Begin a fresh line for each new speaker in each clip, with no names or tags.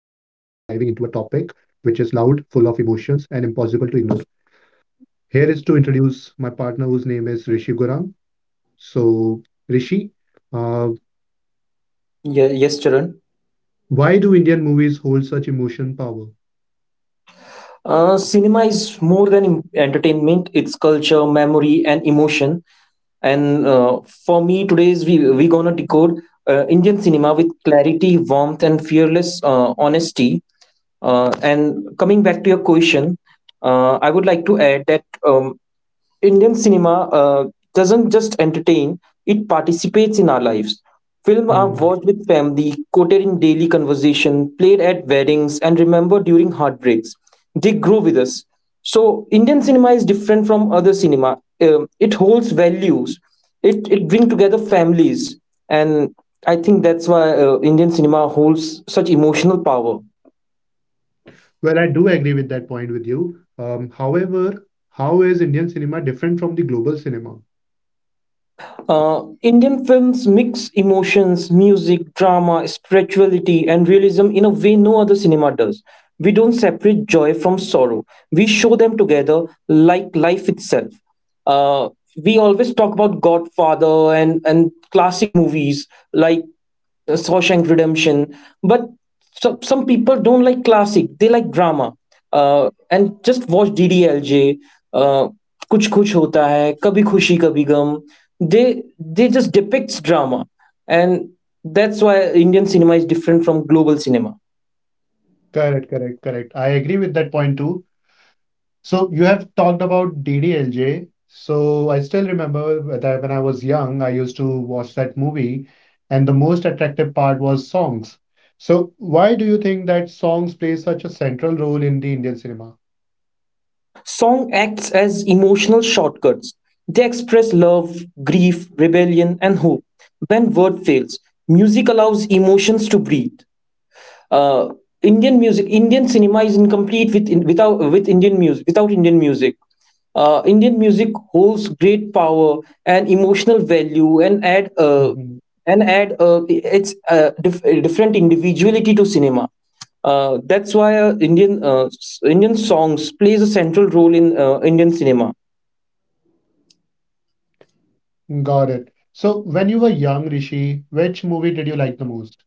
loud, full of emotions, and impossible to ignore. Here is to introduce my partner, whose name is Rishi Gurang. So, Rishi, uh,
Yeah, yes, Charan.
why do Indian movies hold such emotion power?
Cinema is more than entertainment. It's culture, memory, and emotion. And for me, today's we gonna decode Indian cinema with clarity, warmth, and fearless honesty. And coming back to your question, I would like to add that. Indian cinema doesn't just entertain, it participates in our lives. Films are
Hmm.
watched with family, quoted in daily conversation, played at weddings, and remembered during heartbreaks. They grow with us. So, Indian cinema is different from other cinema. It holds values, it brings together families. And I think that's why Indian cinema holds such emotional power.
Well, I do agree with that point with you. However, how is Indian cinema different from the global cinema?
Indian films mix emotions, music, drama, spirituality, and realism in a way no other cinema does. We don't separate joy from sorrow. We show them together like life itself. Uh, we always talk about Godfather and classic movies like Shawshank Redemption. But some people don't like classic; they like drama. And just watch DDLJ, uh, Kuch Kuch Hota Hai, Kabhi Khushi Kabhi Gum. They just depicts drama, and that's why Indian cinema is different from global cinema.
Correct, correct, correct. I agree with that point too. So you have talked about DDLJ. So I still remember that when I was young, I used to watch that movie, and the most attractive part was songs. So why do you think that songs play such a central role in the Indian cinema?
Song acts as emotional shortcuts. They express love, grief, rebellion, and hope. When word fails, music allows emotions to breathe. uh, Indian music, Indian cinema is incomplete without Indian music. Indian music holds great power and emotional value
Mhm.
and add its different individuality to cinema. That's why Indian Indian songs plays a central role in Indian cinema.
Got it. So when you were young, Rishi, which movie did you like the most?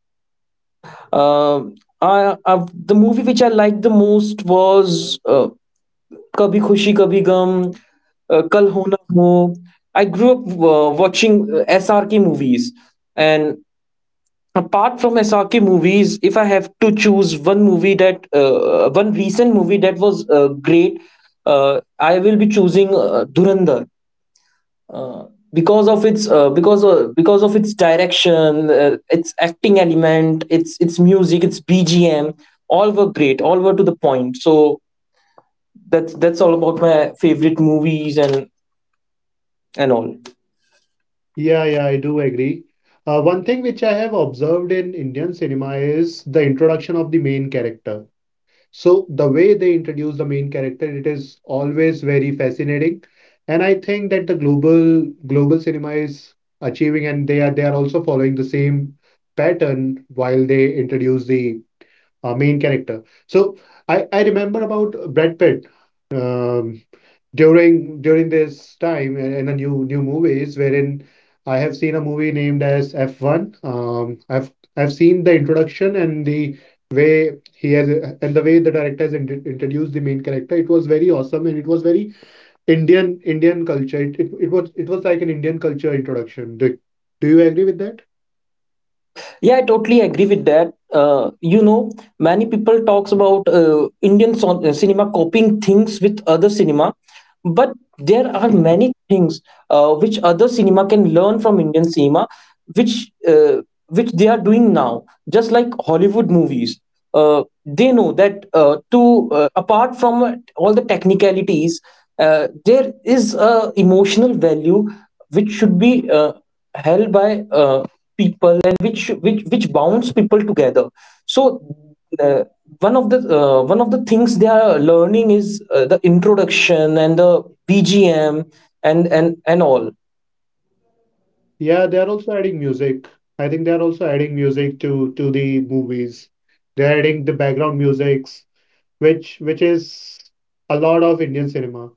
Uh, the movie which I liked the most was कभी खुशी कभी गम, Kal हो Na Ho. I grew up watching SRK movies, and apart from SRK movies, if I have to choose one movie that, one recent movie that was great, uh, I will be choosing Dhurandhar. Uh, because of its direction, its acting element, its music, its BGM, all were great, all were to the point. So that's all about my favorite movies and all.
Yeah, yeah, I do agree. One thing which I have observed in Indian cinema is the introduction of the main character. So the way they introduce the main character, it is always very fascinating. And I think that the global cinema is achieving and they are also following the same pattern while they introduce the main character. So I remember about Brad Pitt. Um, during this time in a new movies wherein I have seen a movie named as F1. I've seen the introduction and the way he has and the way the director has introduced the main character. It was very awesome and it was very Indian culture. It was like an Indian culture introduction. Do you agree with that?
Yeah, I totally agree with that. uh, you know, many people talks about Indian cinema copying things with other cinema, but there are many things which other cinema can learn from Indian cinema, which uh, which they are doing now, just like Hollywood movies. uh, they know that, to apart from all the technicalities, there is a emotional value which should be uh, held by uh, people, and which bounds people together. So uh, one of the things they are learning is the introduction and the BGM and all.
Yeah, they are also adding music. I think they are also adding music to the movies. They're adding the background music which is a lot of Indian cinema.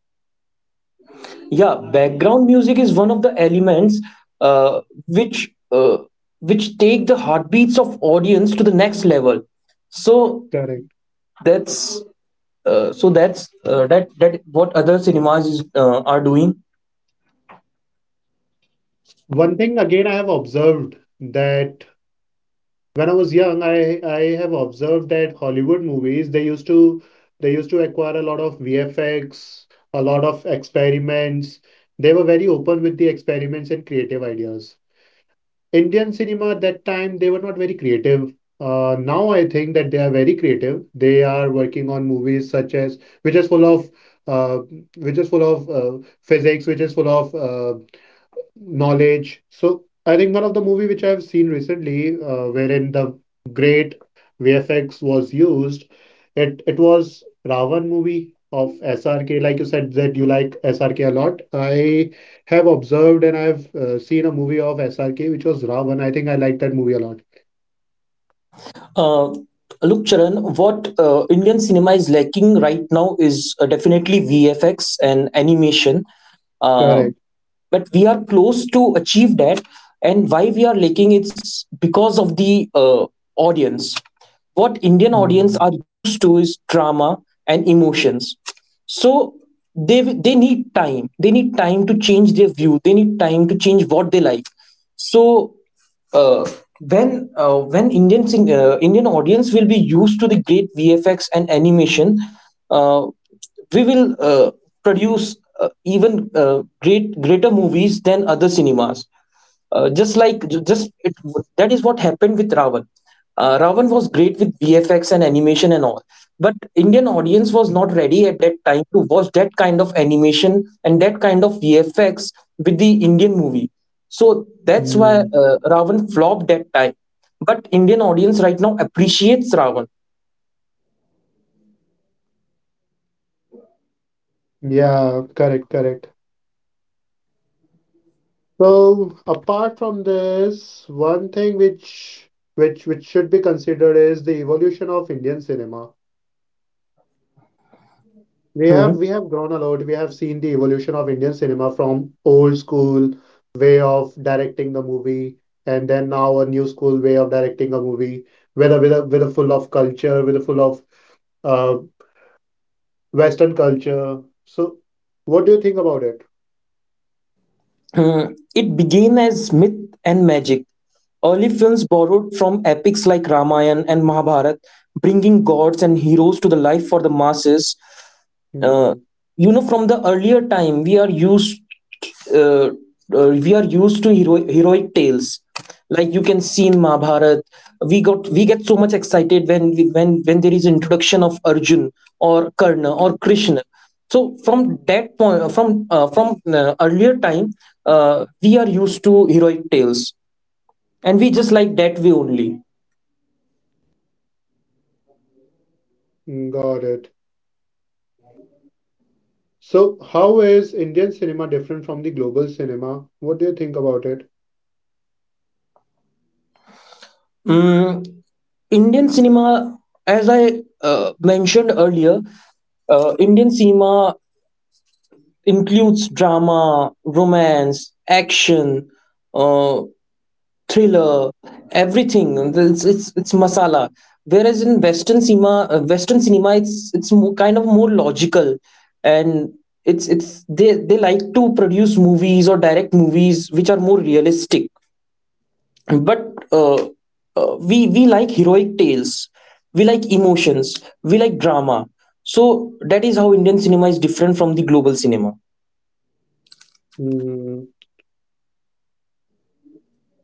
Yeah, background music is one of the elements, uh, which uh, which take the heartbeats of audience to the next level. So
Correct.
that's so that's that what other cinemas are doing.
One thing again I have observed that when I was young, I have observed that Hollywood movies they used to acquire a lot of VFX, a lot of experiments. They were very open with the experiments and creative ideas. Indian cinema at that time, they were not very creative. Now I think that they are very creative. They are working on movies such as uh, which is full of physics, which is full of knowledge. So I think one of the movie which I've seen recently, wherein the great VFX was used, it was Ravan movie of SRK. Like you said that you like SRK a lot. I have observed and I've seen a movie of SRK which was Ravan. I think I like that movie a lot.
Uh, Look, Charan, what Indian cinema is lacking right now is definitely VFX and animation. Uh,
Correct.
but we are close to achieve that, and why we are lacking it's because of the audience. What Indian audience
Mm,
are used to is drama and emotions, so they they need time, they need time to change their view, they need time to change what they like. So uh, when Indian audience will be used to the great VFX and animation, Uh, we will produce even greater movies than other cinemas, just like just it, that is what happened with Ravan. Ravan was great with VFX and animation and all, but Indian audience was not ready at that time to watch that kind of animation and that kind of VFX with the Indian movie. So that's why
mm.
Ravan flopped that time, but Indian audience right now appreciates Ravan.
Yeah, correct, correct. So apart from this, one thing which should be considered is the evolution of Indian cinema. We have grown a lot. We have seen the evolution of Indian cinema from old school way of directing the movie, and then now a new school way of directing a movie, with a with a full of culture, with a full of uh, Western culture. So, what do you think about it?
Hmm, it began as myth and magic. Early films borrowed from epics like Ramayana and Mahabharata, bringing gods and heroes to the life for the masses. uh,
Mm-hmm.
you know, from the earlier time uh, we are used to heroic tales, like you can see in Mahabharat. We get so much excited when we, when there is introduction of Arjun or Karna or Krishna. So from that point, from earlier time, we are used to heroic tales, and we just like that way only.
Got it. So, how is Indian cinema different from the global cinema? What do you think about it?
Mm, Indian cinema, as I mentioned earlier, Indian cinema includes drama, romance, action, uh, thriller, everything. It's masala. Whereas in Western cinema, it's more, kind of more logical, and it's they like to produce movies or direct movies which are more realistic. But we like heroic tales, we like emotions, we like drama. So that is how Indian cinema is different from the global cinema.
Mm.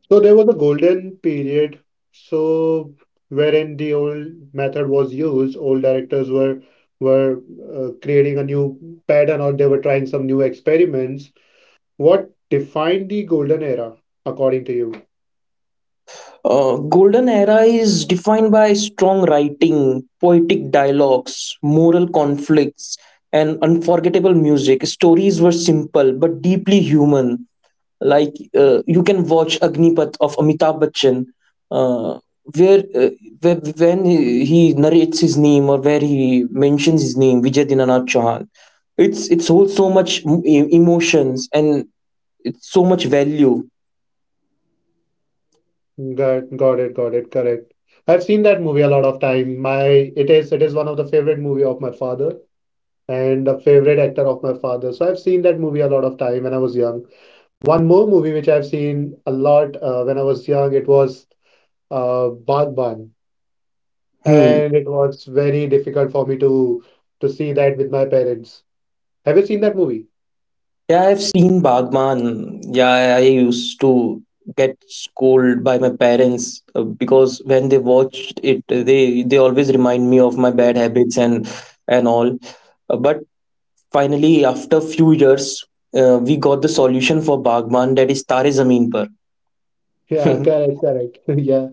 So, there was a golden period, so wherein the old method was used, old directors were creating a new pattern or they were trying some new experiments. What defined the golden era, according to you?
Golden era is defined by strong writing, poetic dialogues, moral conflicts, and unforgettable music. Stories were simple but deeply human, like you can watch Agnipath of Amitabh Bachchan, uh, where, uh, where when he narrates his name, or where he mentions his name, Vijay Dinanath Chauhan, it's holds so much emotions and it's so much value.
Got it, got it, correct. I've seen that movie a lot of time. My it is one of the favorite movie of my father, and a favorite actor of my father. So I've seen that movie a lot of time when I was young. One more movie which I've seen a lot when I was young, it was Bagban,
Hmm.
and it was very difficult for me to see that with my parents. Have you seen that movie?
Yeah, I've seen Bagman. Yeah, I used to get scolded by my parents because when they watched it, they always remind me of my bad habits and all. But finally, after few years, we got the solution for Bagman, that is Tare Zameen Par.
Yeah, correct, correct. Yeah,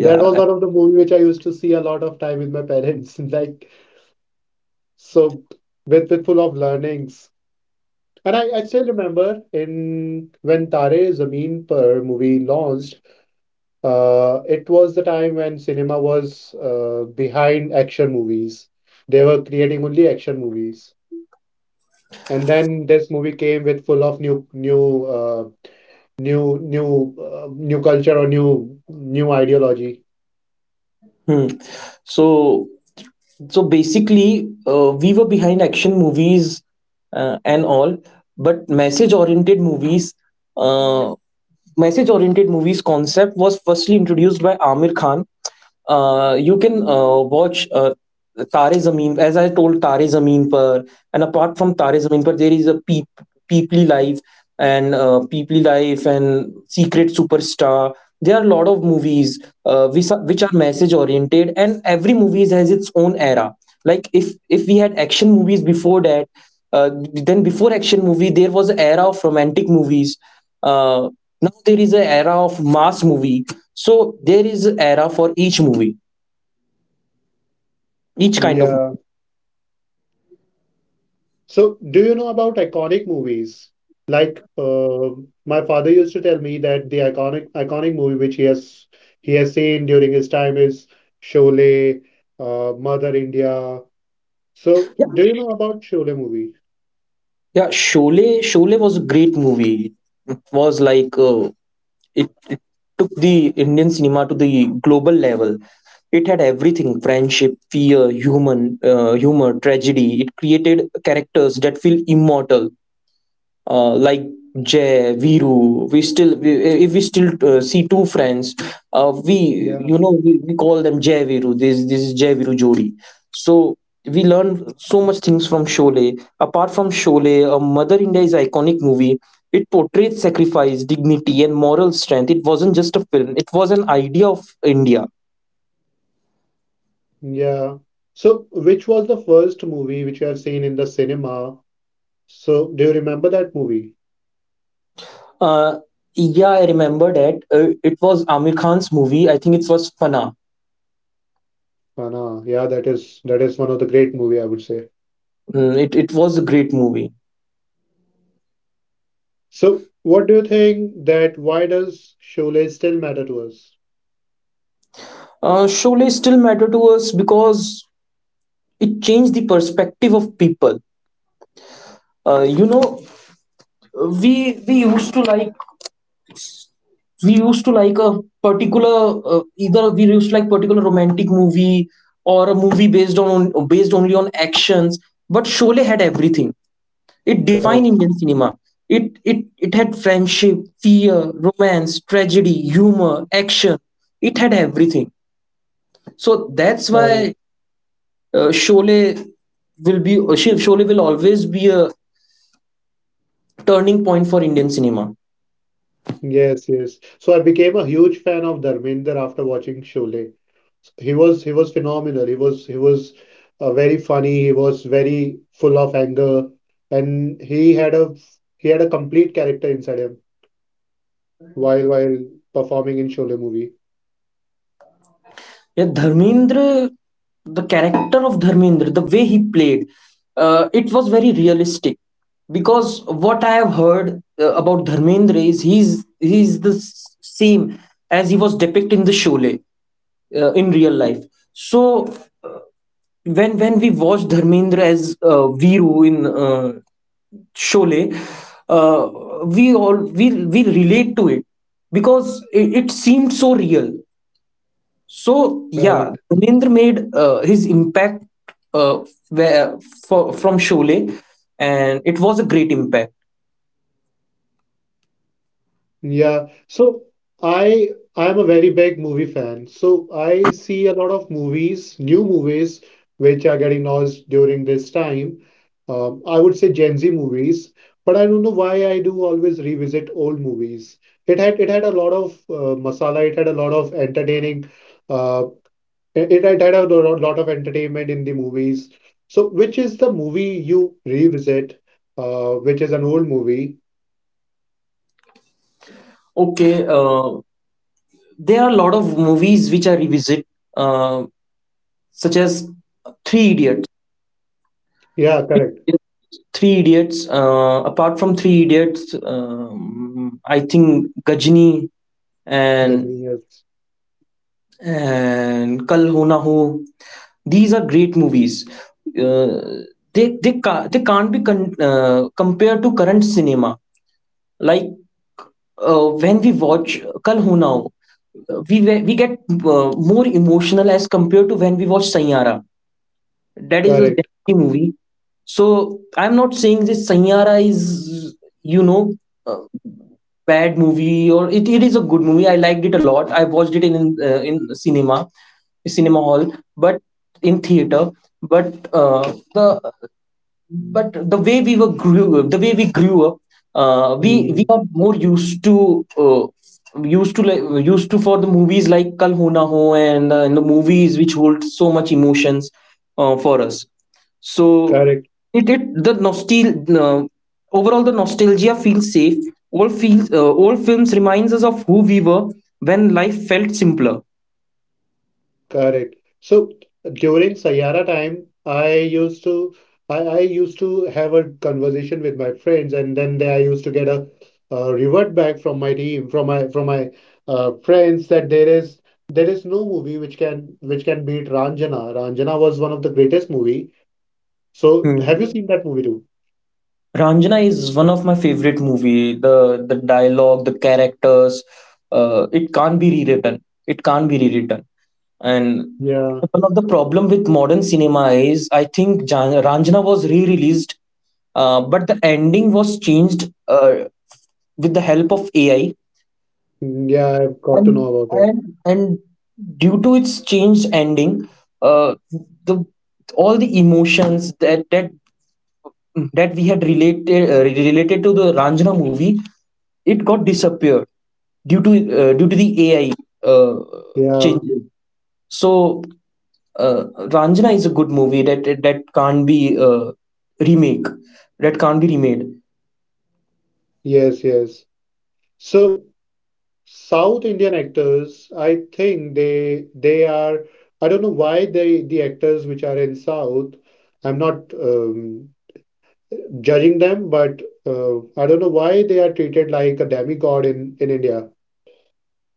that was one of the movie which I used to see a lot of time with my parents. Like so, with full of learnings. And I still remember in when Tare Zameen Par movie launched. It was the time when cinema was behind action movies. They were creating only action movies, and then this movie came with full of new culture or new, new, ideology.
Hmm. So so basically, we were behind action movies and all, but message oriented movies, yeah uh, message oriented movies concept was firstly introduced by Amir Khan. You can watch Tare Zameen, as I told, Tare Zameen Par, and apart from Tare Zameen Par, there is a Peepli Life, and Peeply Life and Secret Superstar. There are a lot of movies which are message oriented, and every movie has its own era. Like, if we had action movies before that, then before action movie there was an era of romantic movies. uh, Now there is an era of mass movie. So there is a era for each movie, each kind of movie.
Yeah. So, do you know about iconic movies? Like, my father used to tell me that the iconic movie which he has seen during his time is Sholay, Mother India. So,
Yeah,
do you know about Sholay movie?
yeah shole shole was a great movie. It was like, it, it took the Indian cinema to the global level. It had everything: friendship, fear, human humor, tragedy. It created characters that feel immortal, like Jay, Viru. If we still see two friends, we
Yeah.
you know we call them Jay Viru. This is Jay Viru Jodi. So we learn so much things from Sholay. Apart from Sholay, Mother India is iconic movie. It portrayed sacrifice, dignity, and moral strength. It wasn't just a film; it was an idea of India.
Yeah. So, which was the first movie which you have seen in the cinema? So, do you remember that movie?
Uh, yeah, I remember that. It was Amir Khan's movie. I think it was Fana.
Fana. Yeah, that is one of the great movie I would say.
Mm, it was a great movie.
So, what do you think that why does Sholay still matter to us?
Sholay still matter to us because it changed the perspective of people. You know, we used to like we used to like a particular either we used to like particular romantic movie, or a movie based on based only on actions. But Sholay had everything. It defined
Correct,
Indian cinema. It had friendship, fear, romance, tragedy, humor, action. It had everything. So that's
correct.
why Sholay will be Shiv Sholay will always be a turning point for Indian cinema.
Yes, yes. So I became a huge fan of Dharminder after watching Sholay. He was phenomenal. He was very funny. He was very full of anger, and he had a complete character inside him while performing in Sholay movie.
Yeah, Dharmendra, the character of Dharmendra, the way he played, it was very realistic. Because what I have heard about Dharmendra is he's the same as he was depicted in the Sholay in real life. So uh, when we watch Dharmendra as Viru in Sholay, we all we relate to it because it seemed so real. So yeah,
Correct.
Dharmendra made his impact, uh, where from Sholay, and it was a great impact.
Yeah. So I I'm a very big movie fan. So I see a lot of movies, new movies, which are getting launched during this time. I would say Gen Z movies, but I don't know why I do always revisit old movies. It had a lot of masala. It had a lot of entertaining. Uh, it had a lot of entertainment in the movies. So which is the movie you revisit? Which is an old movie?
Okay, there are a lot of movies which I revisit, uh, such as Three Idiots.
Yeah, correct.
Three Idiots. Apart from Three Idiots, I think Gajini and
Gazini, yes.
and Kal Ho Na Ho. These are great movies. Uh, they can't they can't be compared to current cinema. Like when we watch Kal Ho Na Ho, we get more emotional as compared to when we watch Sayara. That is a
Correct.
Japanese movie. So I'm not saying this Sanyara is, you know, a bad movie, or it is a good movie. I liked it a lot. I watched it in cinema, cinema hall, but in theater. But the but the way we were grew the way we grew up, we
Mhm.
are more used to for the movies like kal ho na ho and the movies which hold so much emotions for us so
Correct.
it the nostal uh, Overall, the nostalgia feels safe. All films reminds us of who we were when life felt simpler.
Correct. So during Sayara time, I used to have a conversation with my friends, and then I used to get revert back from my team, from my friends that there is no movie which can beat Ranjana. Ranjana was one of the greatest movie. So have you
Hmm.
seen that movie too?
Ranjana is one of my favorite movie. The dialogue, the characters, it can't be rewritten. It can't be rewritten. And
Yeah,
one of the problem with modern cinema is, I think Ranjana was re-released, but the ending was changed with the help of AI.
yeah, I've got to know
And
about it.
and due to its changed ending, uh, the all the emotions that Hmm. that we had related related to the Ranjana movie, it got disappeared due to due to the AI uh,
Yeah,
changes. So, uh, Ranjana is a good movie that can't be remake, that can't be remade.
yes, yes. So South Indian actors, I think they are. I don't know why the actors which are in South. I'm not judging them, but I don't know why they are treated like a demigod in India.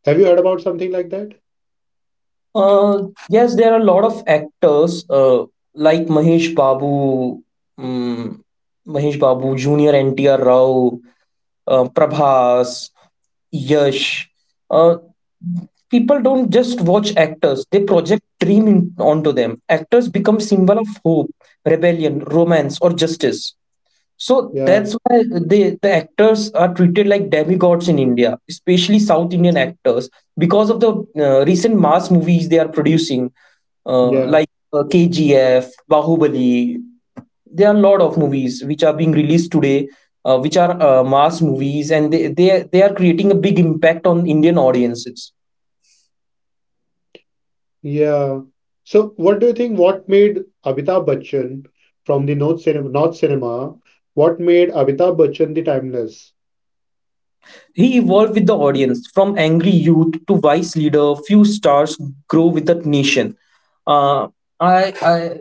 Have you heard about something like that?
Yes, there are a lot of actors like Mahesh Babu, um, Mahesh Babu Junior, NTR Rao, Prabhas, Yash. Uh, People don't just watch actors; they project dream in, onto them. Actors become symbol of hope, rebellion, romance, or justice. So
Yeah,
that's why the actors are treated like demigods in India, especially South Indian actors, because of the recent mass movies they are producing, uh,
yeah,
like uh, KGF, Bahubali. There are a lot of movies which are being released today, which are mass movies, and they are creating a big impact on Indian audiences.
yeah. So, what do you think? What made Amitabh Bachchan from the North cinema? What made Amitabh Bachchan the timeless?
He evolved with the audience from angry youth to vice leader. Few stars grow with the nation. Uh, I, I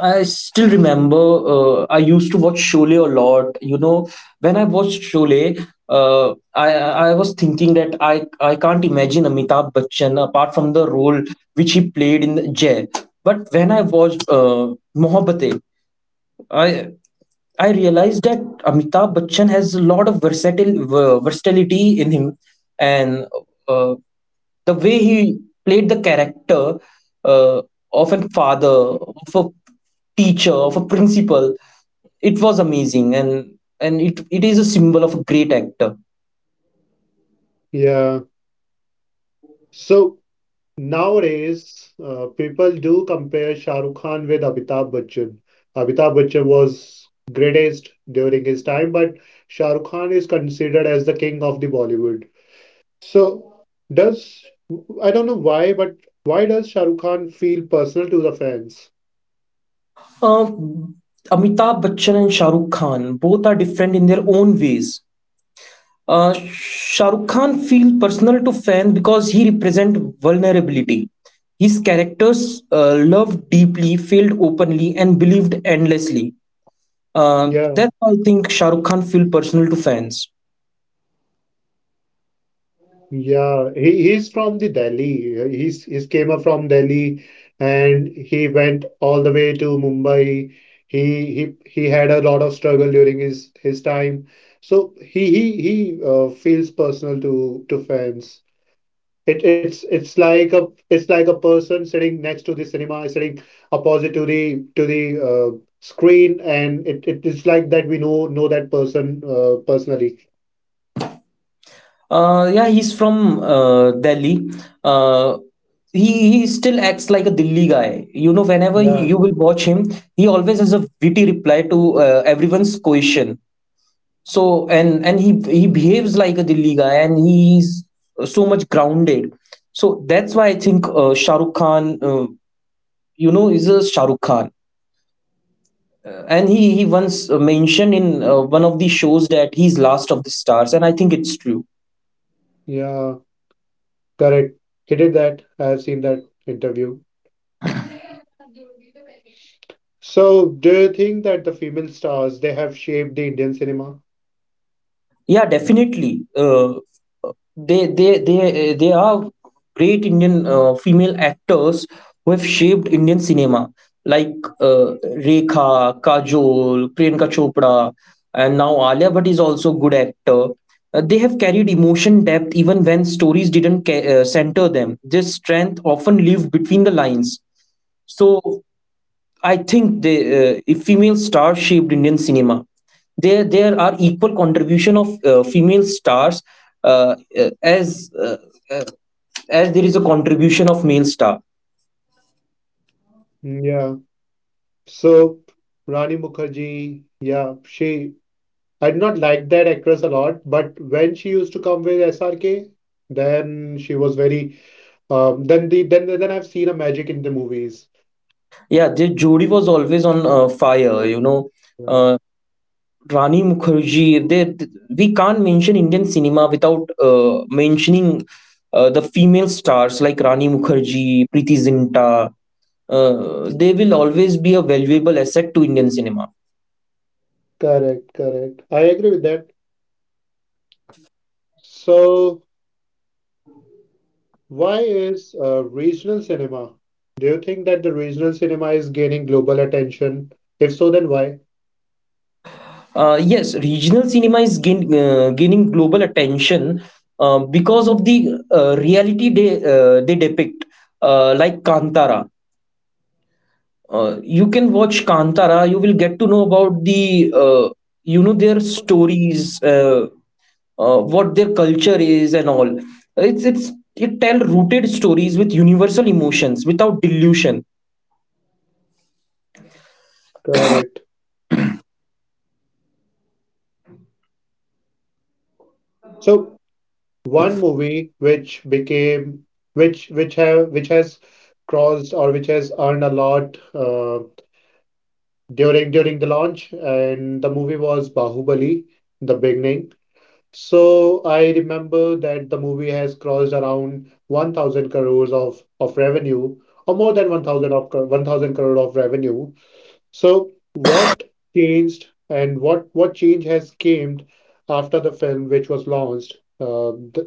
I still remember, I used to watch Sholay a lot. You know, when I watched Sholay, I was thinking that I can't imagine Amitabh Bachchan apart from the role which he played in Jai. But when I watched Mohabbatein, I I realized that Amitabh Bachchan has a lot of versatility in him, and uh, the way he played the character uh, of a father, of a teacher, of a principal, it was amazing, and it is a symbol of a great actor.
Yeah. So, nowadays, people do compare Shah Rukh Khan with Amitabh Bachchan. Amitabh Bachchan was greatest during his time, but Shah Rukh Khan is considered as the king of the Bollywood. So, does I don't know why, but why does Shah Rukh Khan feel personal to the fans?
Uh, Amitabh Bachchan and Shah Rukh Khan both are different in their own ways. Uh, Shah Rukh Khan feels personal to fans because he represents vulnerability. His characters loved deeply, failed openly, and believed endlessly.
Yeah.
That's why I think Shah Rukh Khan feels personal to fans.
Yeah, he's from the Delhi. He's came up from Delhi and he went all the way to Mumbai. He had a lot of struggle during his time. So he feels personal to fans. It's like a person sitting next to the cinema, sitting opposite to the screen, and it is like that we know that person personally.
Yeah, he's from Delhi. Uh, he still acts like a Delhi guy. You know,
Yeah.
you will watch him, he always has a witty reply to everyone's question. So and he behaves like a Delhi guy and he's so much grounded. So that's why I think, Shah Rukh Khan, is a Shah Rukh Khan. And he once mentioned in one of the shows that he's last of the stars, and I think it's true.
Yeah. Correct. He did that. I have seen that interview. So, do you think that the female stars they have shaped the Indian cinema?
Yeah, definitely. They are great indian female actors who have shaped indian cinema, like uh, rekha, kajol, priyanka chopra, and now alia bhatt is also good actor. They have carried emotion depth even when stories didn't center them. This strength often lived between the lines. So I think the if female stars shaped Indian cinema. There are equal contribution of female stars uh, uh, as uh, uh, as there is a contribution of male star.
Mm, yeah. So, Rani Mukherjee, yeah, she I did not like that actress a lot, but when she used to come with SRK, then she was very then then I've seen a magic in the movies.
Yeah, their Jodi was always on fire. You know,
Yeah.
uh, Rani Mukherjee. We can't mention Indian cinema without mentioning the female stars like Rani Mukherjee, Preeti Zinta, they will always be a valuable asset to Indian cinema.
Correct, correct. I agree with that. So why is regional cinema? Do you think that the regional cinema is gaining global attention? If so, then why?
Yes, regional cinema is gaining global attention because of the reality they depict, like Kantara. You can watch Kantara. You will get to know about the you know their stories, what their culture is, and all. It tell rooted stories with universal emotions without delusion.
Correct. So one movie which became which have which has crossed or which has earned a lot during the launch, and the movie was Bahubali, the beginning. So I remember that the movie has crossed around 1,000 crores of revenue, or more than 1,000 of 1,000 crore of revenue. So what changed and what change has came after the film which was launched? Th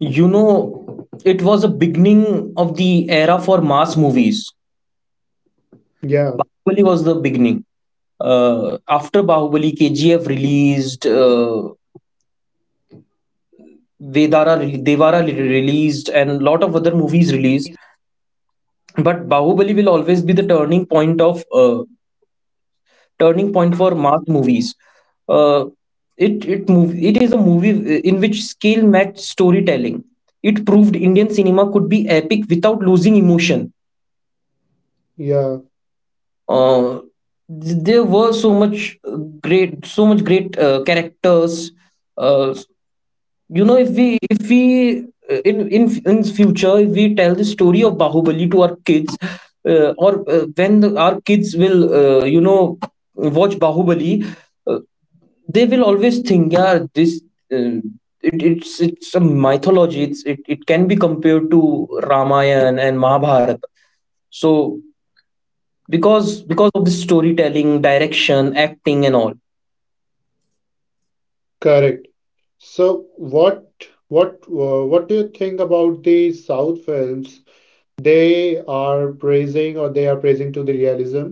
You know, it was a beginning of the era for mass movies.
Yeah,
Bahubali was the beginning. After Bahubali, KGF released, Vedara, Devara released, and lot of other movies released. But Bahubali will always be the turning point for mass movies. Uh, it is a movie in which skill matched storytelling. It proved Indian cinema could be epic without losing emotion.
yeah,
uh, there were so much great characters. uh, you know, if we, in future, if we tell the story of bahubali to our kids, or when our kids will, you know, watch bahubali, uh, they will always think, yeah, this uh, it, it's a mythology. It can be compared to ramayana and mahabharata. So, because of the storytelling, direction, acting and all.
correct. So what do you think about the South films? They are praising or they are praising to the realism.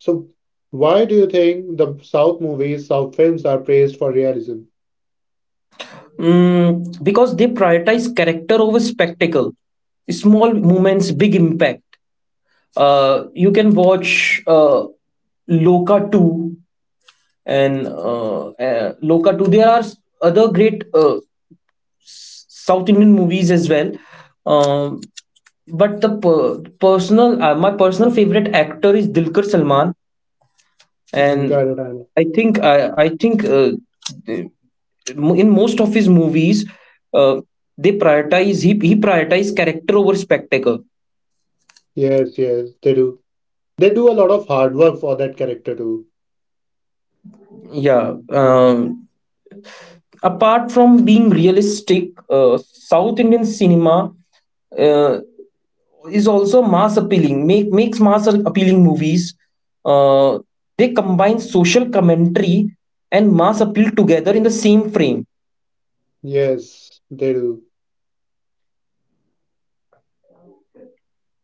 So why do you think the South movies, South films are praised for realism?
Mm, because they prioritize character over spectacle, small moments big impact. You can watch, loka 2, and loka 2. There are other great south indian movies as well. Um, but the per- personal My personal favorite actor is dilkar salman.
Mm,
And
got
I think I think, in most of his movies, uh, he prioritize character over spectacle.
Yes, yes, they do. They do a lot of hard work for that character too.
Yeah. Apart from being realistic, south indian cinema uh, is also mass appealing. Makes mass appealing movies. uh, they combine social commentary and mass appeal together in the same frame.
Yes, they do.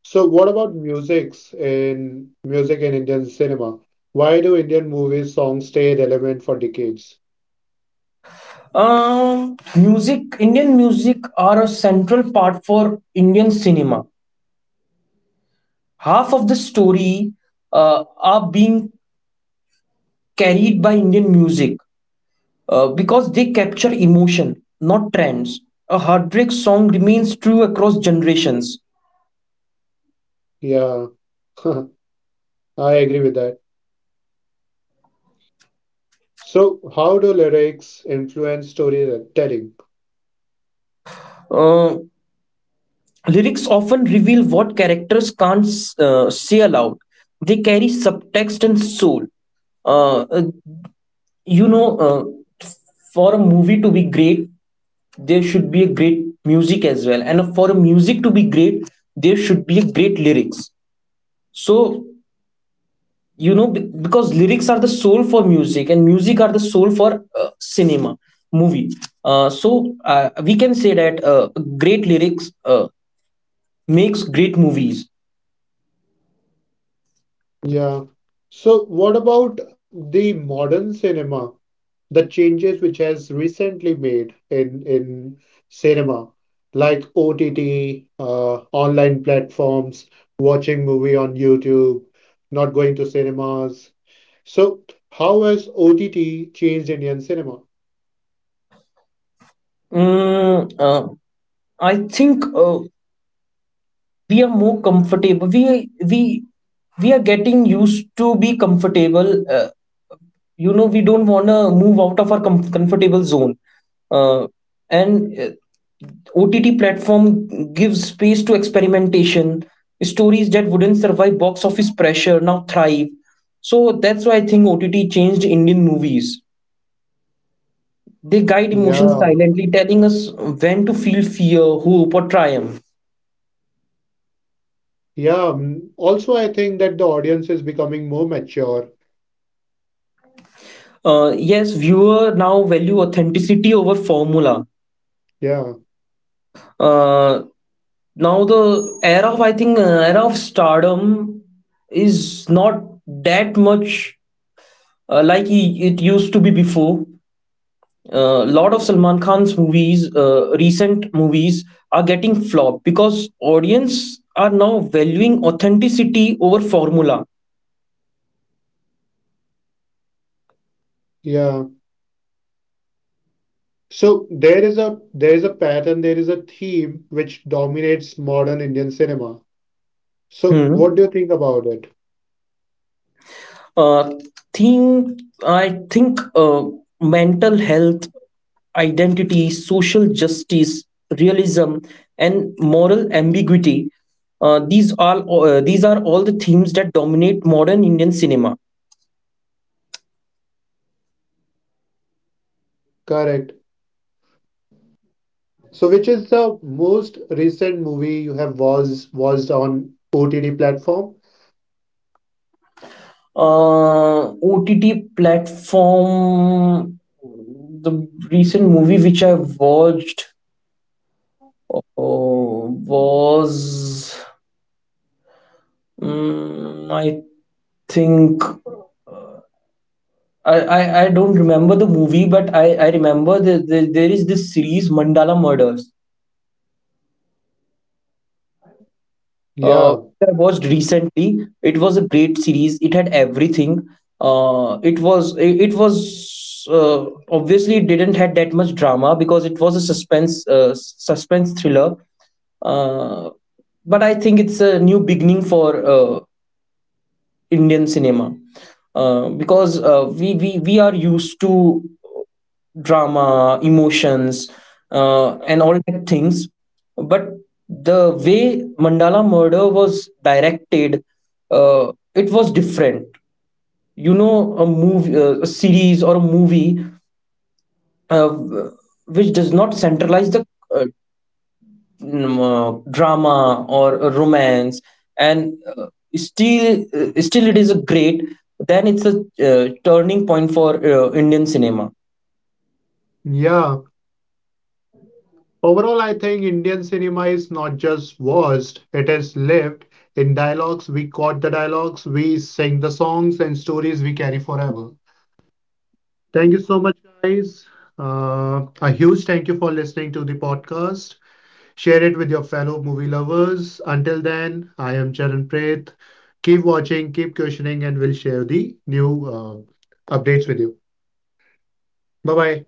So what about musics in music in Indian cinema? Why do Indian movies songs stay relevant for decades?
Music. Indian music are a central part for indian cinema. Half of the story are being carried by Indian music, because they capture emotion, not trends. A heartbreak song remains true across generations.
Yeah, I agree with that. So how do lyrics influence storytelling?
Uh, Lyrics often reveal what characters can't say aloud. They carry subtext and soul. Uh, uh, you know, uh, for a movie to be great, there should be a great music as well. And for a music to be great, there should be a great lyrics. So, you know, because lyrics are the soul for music and music are the soul for cinema movie, we can say that great lyrics makes great movies.
Yeah. So what about the modern cinema? The changes which has recently made in cinema, like OTT, online platforms, watching movie on YouTube, not going to cinemas. So, how has OTT changed Indian cinema?
Mm, I think We are more comfortable. We are getting used to be comfortable. You know, we don't want to move out of our comfortable zone. Uh, and OTT platform gives space to experimentation. Stories that wouldn't survive box office pressure now thrive. So that's why I think OTT changed Indian movies. They guide emotions
Yeah,
silently, telling us when to feel fear, hope, or triumph.
yeah. Also, I think that the audience is becoming more mature.
Yes, viewer now value authenticity over formula.
Yeah,
Uh, Now the era of stardom is not that much, it used to be before. A lot of Salman Khan's movies, recent movies, are getting flopped because audience are now valuing authenticity over formula.
yeah. So there is a pattern, there is a theme which dominates modern Indian cinema. So
Hmm.
what do you think about it?
Uh, think I think, mental health, identity, social justice, realism, and moral ambiguity. These are all the themes that dominate modern Indian cinema.
Correct. So, which is the most recent movie you have was watched on OTT platform?
OTT platform. The recent movie which I watched was, mm, I think, I don't remember the movie, but I remember that there is this series Mandala Murders.
Yeah,
I watched recently. It was a great series. It had everything. It was, obviously, it didn't had that much drama because it was a suspense thriller. Uh, but I think it's a new beginning for Indian cinema, because we are used to drama, emotions, and all that things. But the way Mandala Murder was directed, it was different. You know, a movie, a series, or a movie uh, which does not centralize the uh, drama or a romance, and still it is a great, then it's a turning point for indian cinema.
yeah. Overall, I think Indian cinema is not just watched; it is lived. In dialogues, we caught the dialogues, we sing the songs and stories we carry forever. Thank you so much, guys. A huge thank you for listening to the podcast. Share it with your fellow movie lovers. Until then, I am Charan Preth. Keep watching, keep questioning, and we'll share the new updates with you. Bye bye.